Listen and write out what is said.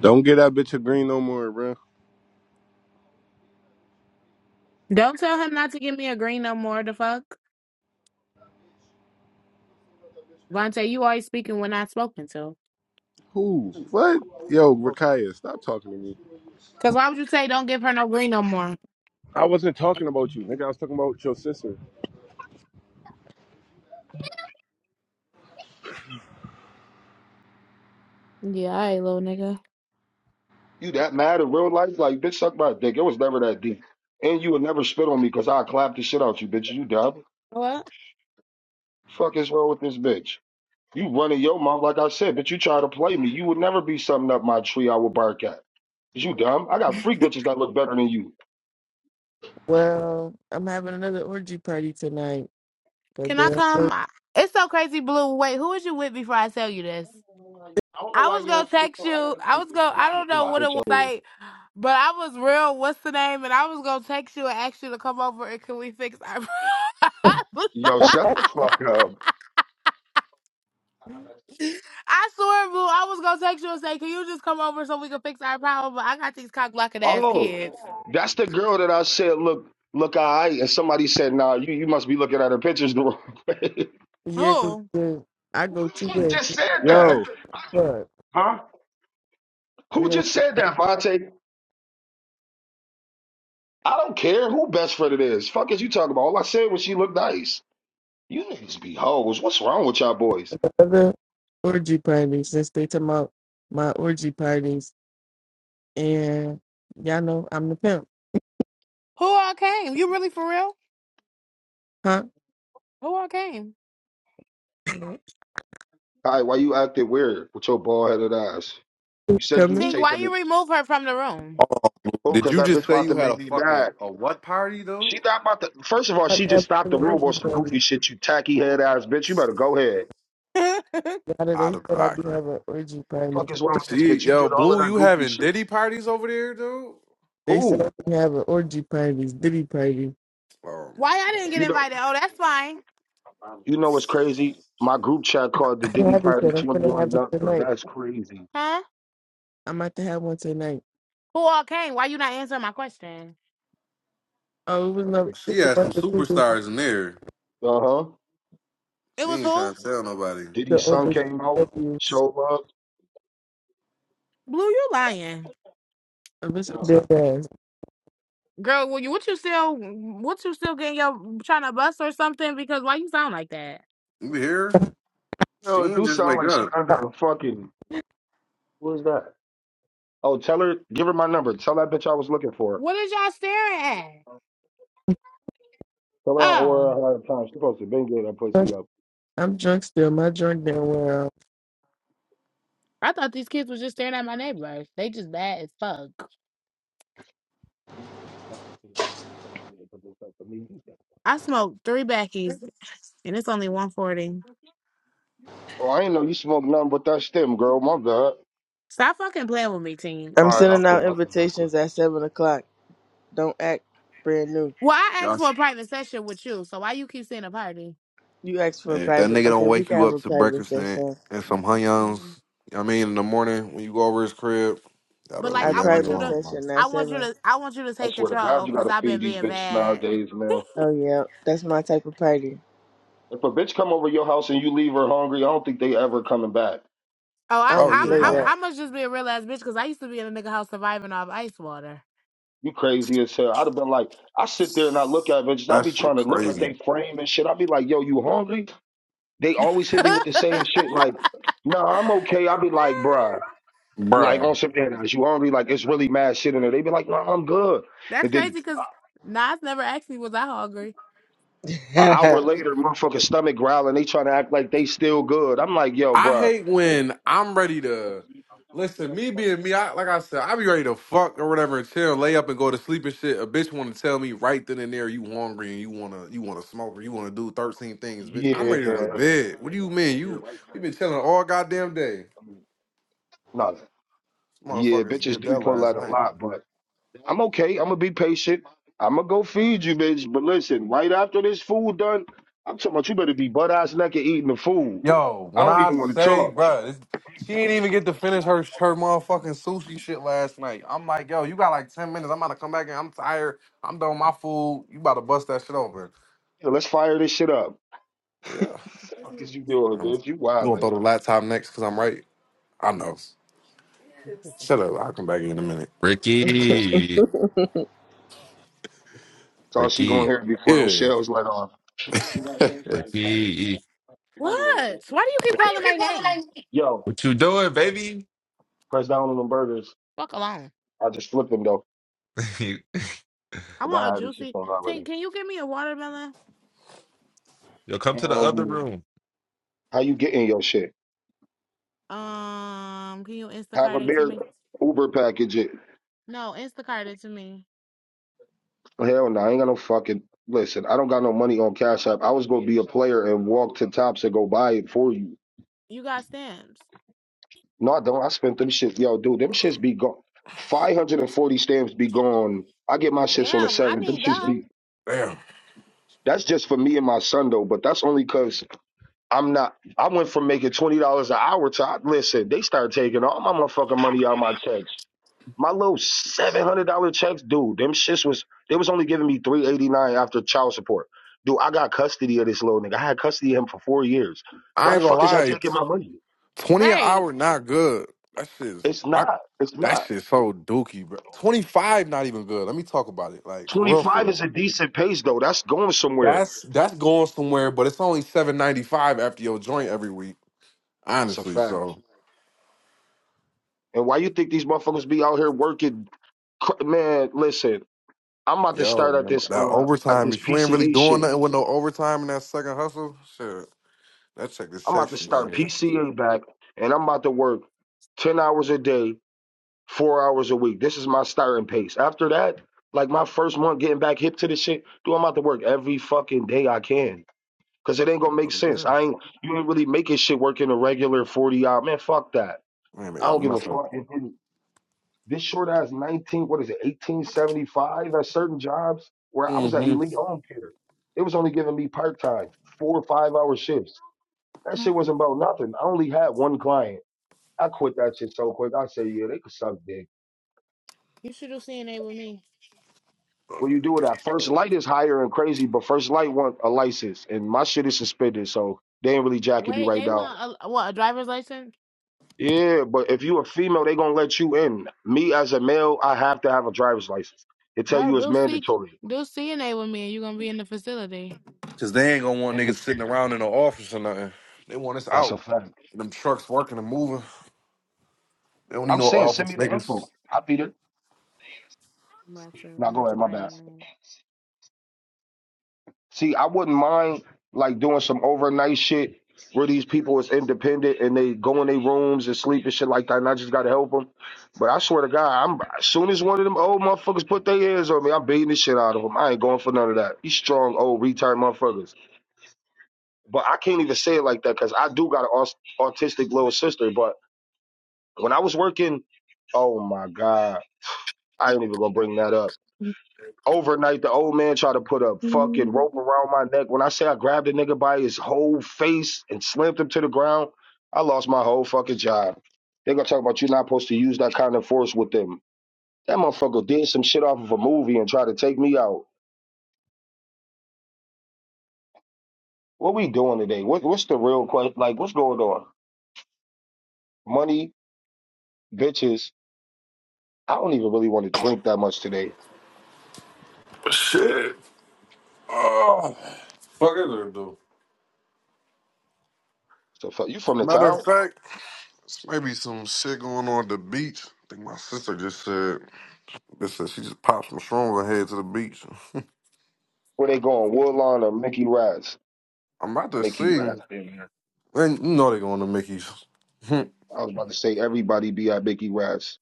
Don't get that bitch a green no more, bro. Don't tell him not to give me a green no more. The fuck, Vontae, you always speaking when not spoken to. Who? What? Yo, Rakaya, stop talking to me. Cause why would you say don't give her no green no more? I wasn't talking about you, nigga. I was talking about your sister. Yeah, all right, little nigga. You that mad in real life? Like, bitch, suck my dick. It was never that deep. And you would never spit on me because I clapped the shit out you, bitch. You dumb. What? Fuck is wrong with this bitch? You running your mouth like I said, bitch. You try to play me. You would never be something up my tree I would bark at. Is you dumb? I got freak bitches that look better than you. Well, I'm having another orgy party tonight, but Can they I don't go come? I- It's so crazy, Blue. Wait, who was you with before I tell you this? I don't know I why was you gonna don't put text your you. attitude I to was your gonna. I strong don't with know my what it bitch. was i like, but I was real. What's the name? And I was gonna text you and ask you to come over and can we fix our? Yo, shut the fuck up. I swear, boo, I was gonna text you and say, "Can you just come over so we can fix our problem?" But I got these cock blocking ass Oh, kids. that's the girl that I said look look all right, and somebody said, nah, you, you must be looking at her pictures the wrong way. yeah, 'cause Who? the, I Who go the two fuck ways. just said that? Yo. But Huh? we Who are gonna just said that, Vontae? I don't care who best friend it is. Fuck is you talking about? All I said was she looked nice. You niggas be hoes. What's wrong with y'all boys? have another orgy party since they talking about my orgy parties, and y'all know I'm the pimp, Who all came? You really for real? huh? Who all came? Hi, why you acting weird with your bald headed ass? You said you was Coming. Tink, why taking you it. remove her from the room? Oh, Oh, did because you that just bitch say about you to had a make me fucking mad. a what party, dude? She not about to. First of all, I she just have stopped the another room orgy on some goofy party. shit, you tacky head ass bitch. You better go ahead. why Y'all know they Out said of I be pocket. having orgy Fuck parties. is wrong with this She bitch? You yo, did all of Blue, that you goofy having shit. Diddy parties over there, dude? They said Who? I be having orgy parties, diddy party. Oh my I god. didn't get You know. invited? Oh, that's fine, You know what's crazy? My group chat called the I Diddy have it, Party said I'm gonna have 21 it up, though. tonight. That's crazy. huh? I'm about to have one tonight. Who all came? Why you not answering my question? Oh, it was Uh no, She just a had some bunch of people superstars in there. huh. It She was ain't who? trying to tell nobody. the Diddy's son other came out, abuse. showed up. Blue, you lying, I'm just Yo, dead ass. girl? What you? What you still? What you still getting your trying to bust or something? Because why you sound like that? You hear? her? She it ain't do just sound wake like she up. under a fucking. Who is that? Oh, tell her, give her my number. Tell that bitch I was looking for. her. What is y'all staring at? Tell her I Oh. order her out of time. She supposed to been getting that pussy Drunk- up. I'm drunk still. My drunk didn't wear out. I thought these kids was just staring at my neighbors. They just bad as fuck. I smoked three backies and it's only 140. Oh, I ain't know you smoke nothing but that stem, girl. My God. Stop fucking playing with me, team. I'm All right, I sending quit. out I quit. I quit. invitations at seven o'clock. Don't act brand new. Well, I Y'all asked s- for a private session with you, so why you keep saying a party? You asked for a Hey, if that private. nigga don't Okay, we wake can you have up a to private breakfast and, session. and some hunyuns, you Yeah. know what I mean, in the morning when you go over his crib, y'all But better like Our leave I that nigga want you private to alone. man. session at I want you seven. to I want you to I take swear to God, control you because gotta I've feed been these being bitches bad. nowadays, man. Oh yeah, that's my type of party. If a bitch come over your house and you leave her hungry, I don't think they ever coming back. Oh, I I, Oh don't I'm yeah, play I'm nah. I must just be a real ass bitch because I used to be in a nigga house surviving off ice water. You crazy as hell. I'd have been like, I sit there and I look at bitches. I That be shit trying to look at crazy. their frame and shit. I be like, yo, you hungry? They always hit me with the same shit. Like, no, nah, I'm okay. I be like, bruh, like Bruh. on some ass, you hungry? Like, it's really mad shit in there. They be like, no, nah, I'm good. That's And crazy then because Nas never asked me was I hungry. an hour that. later, motherfucker stomach growling. They trying to act like they still good. I'm like, yo, I bruh, hate when I'm ready to listen. Me being me, I like I said, I be ready to fuck or whatever and chill, lay up and go to sleep and shit. A bitch want to tell me right then and there you hungry and you wanna you wanna smoke or you wanna do thirteen things, bitch. I'm yeah. ready to go to bed. What do you mean? You we been chilling all goddamn day. No, Yeah, Motherfuckers bitches did do that pull last out a night. lot, but I'm okay. I'm gonna be patient. I'm gonna go feed you, bitch. But listen, right after this food done, I'm talking about you better be butt ass naked eating the food. Yo, when I don't I even want to say, talk. bruh, this, she didn't even get to finish her Yeah, her motherfucking sushi shit last night. I'm like, yo, you got like ten minutes. I'm about to come back and I'm tired. I'm done with my food. You about to bust that shit open. let's fire this shit up. Yeah. fuck is you doing, I'm, bitch? You you wild. gonna Like, throw the laptop next because I'm right? I know. Shut up. I'll come back in a minute. Ricky, that's all she gonna Ricky, hear before those Yeah. shells let off. Why do Ricky, What? So Why do you keep you calling keep my calling my name? Yo, what you doing, baby? press down on them burgers. Fuck alone. I just flipped them though. Yo, I Forgot want a how this shit juicy. on Tink, already. can you give me a watermelon? come to the other Um, room. how you getting your shit? Um, can you Have Instacart a it to beer me? Uber package it. No, Instacart it to me. Hell no, I ain't got no fucking listen, I don't got no money on Cash App. I was gonna be a player and walk to tops and go buy it for you. You got stamps. No, I don't. I spent them shit. Yo, dude, them shits be gone. Five hundred and forty stamps be gone. I get my shits on the Damn, I seventh. Them need shits them. be Damn. that's just for me and my son though, but that's only cause I'm not I went from making twenty dollars an hour to I, listen, they start taking all my motherfucking money out of my check. My little seven hundred dollar checks, dude. Them shits was they was only giving me three eighty nine after child support. Dude, I got custody of this little nigga. I had custody of him for four years. Why I the ain't gonna fuck is y'all lie. taking my money? 20 an Right. hour, not good. That shit's, It's I, not. It's that not. shit's so dookie, bro. 25, not even good. Let me talk about it. Like, for Twenty real, for five is real. a decent pace though. That's going somewhere. That's, that's going somewhere, but it's only 795 after your joint every week, That's a honestly. fact. So, And why you think these motherfuckers be out here working? cr- Man, listen. I'm about to start at yo, this that uh at overtime, this if you ain't really PCA doing shit. nothing with no overtime in that second hustle, shit. Let's check this I'm about to section. start Man, PCA back, and I'm about to work ten hours a day four hours a week. This is my starting pace. After that, like my first month getting back hip to this shit, do I'm out to work every fucking day I can. Cause it ain't gonna Oh, make sense. yeah. I ain't you ain't really making shit work in a regular 40 hour man, fuck that. We ain't I don't making give a nothing. fuck. If it- this short ass 19, what is it, 1875 at certain jobs where I was at Mhm. elite home care. It was only giving me part time, four or five hour shifts. That shit wasn't about nothing. I only had one client. I quit that shit so quick. I said, yeah, they could suck dick. You should do CNA with me. What you do with that? First light is higher and crazy, but first light want a license, and my shit is suspended, so they ain't really jacking me Wait, right they now. want a what? A driver's license? Yeah, but if you a female, they gonna let you in. Me as a male, I have to have a driver's license. They tell No, you it's do C, mandatory, do CNA with me, and you're gonna be in the facility. Cause they ain't gonna want and niggas it's, sitting around in the office or nothing. They want us that's a out. fact. Them trucks working and moving. They don't need I'm no saying, send office me the info. niggas. I'll be there. I'm about to. I'm Now go about to ahead, my find a bad. room. See, I wouldn't mind like doing some overnight shit where these people is independent and they go in their rooms and sleep and shit like that, and I just gotta help them. But I swear to God, I'm as soon as one of them old motherfuckers put their hands on me, I'm beating the shit out of them. I ain't going for none of that. These strong old retired motherfuckers. But I can't even say it like that because I do got an aus- autistic little sister. But when I was working, oh my God, I ain't even gonna bring that up Overnight, the old man tried to put a fucking rope around my neck. When I say I grabbed a nigga by his whole face and slammed him to the ground, I lost my whole fucking job. They're gonna talk about you not supposed to use that kind of force with them. That motherfucker did some shit off of a movie and tried to take me out. What we doing today? What, what's the real question? Like, what's going on? Money, bitches. I don't even really want to drink that much today. Shit. Oh, fuck is there though? So, fuck, you from the Matter of town? fact, this might be some shit going on at the beach. I think my sister just said this. Said she just popped some shrooms and head to the beach. Where they going? Woodlawn or Mickey Raz? I'm about to Mickey see. Raz. I And you know they going to Mickey's. was about to say everybody be at Mickey Raz.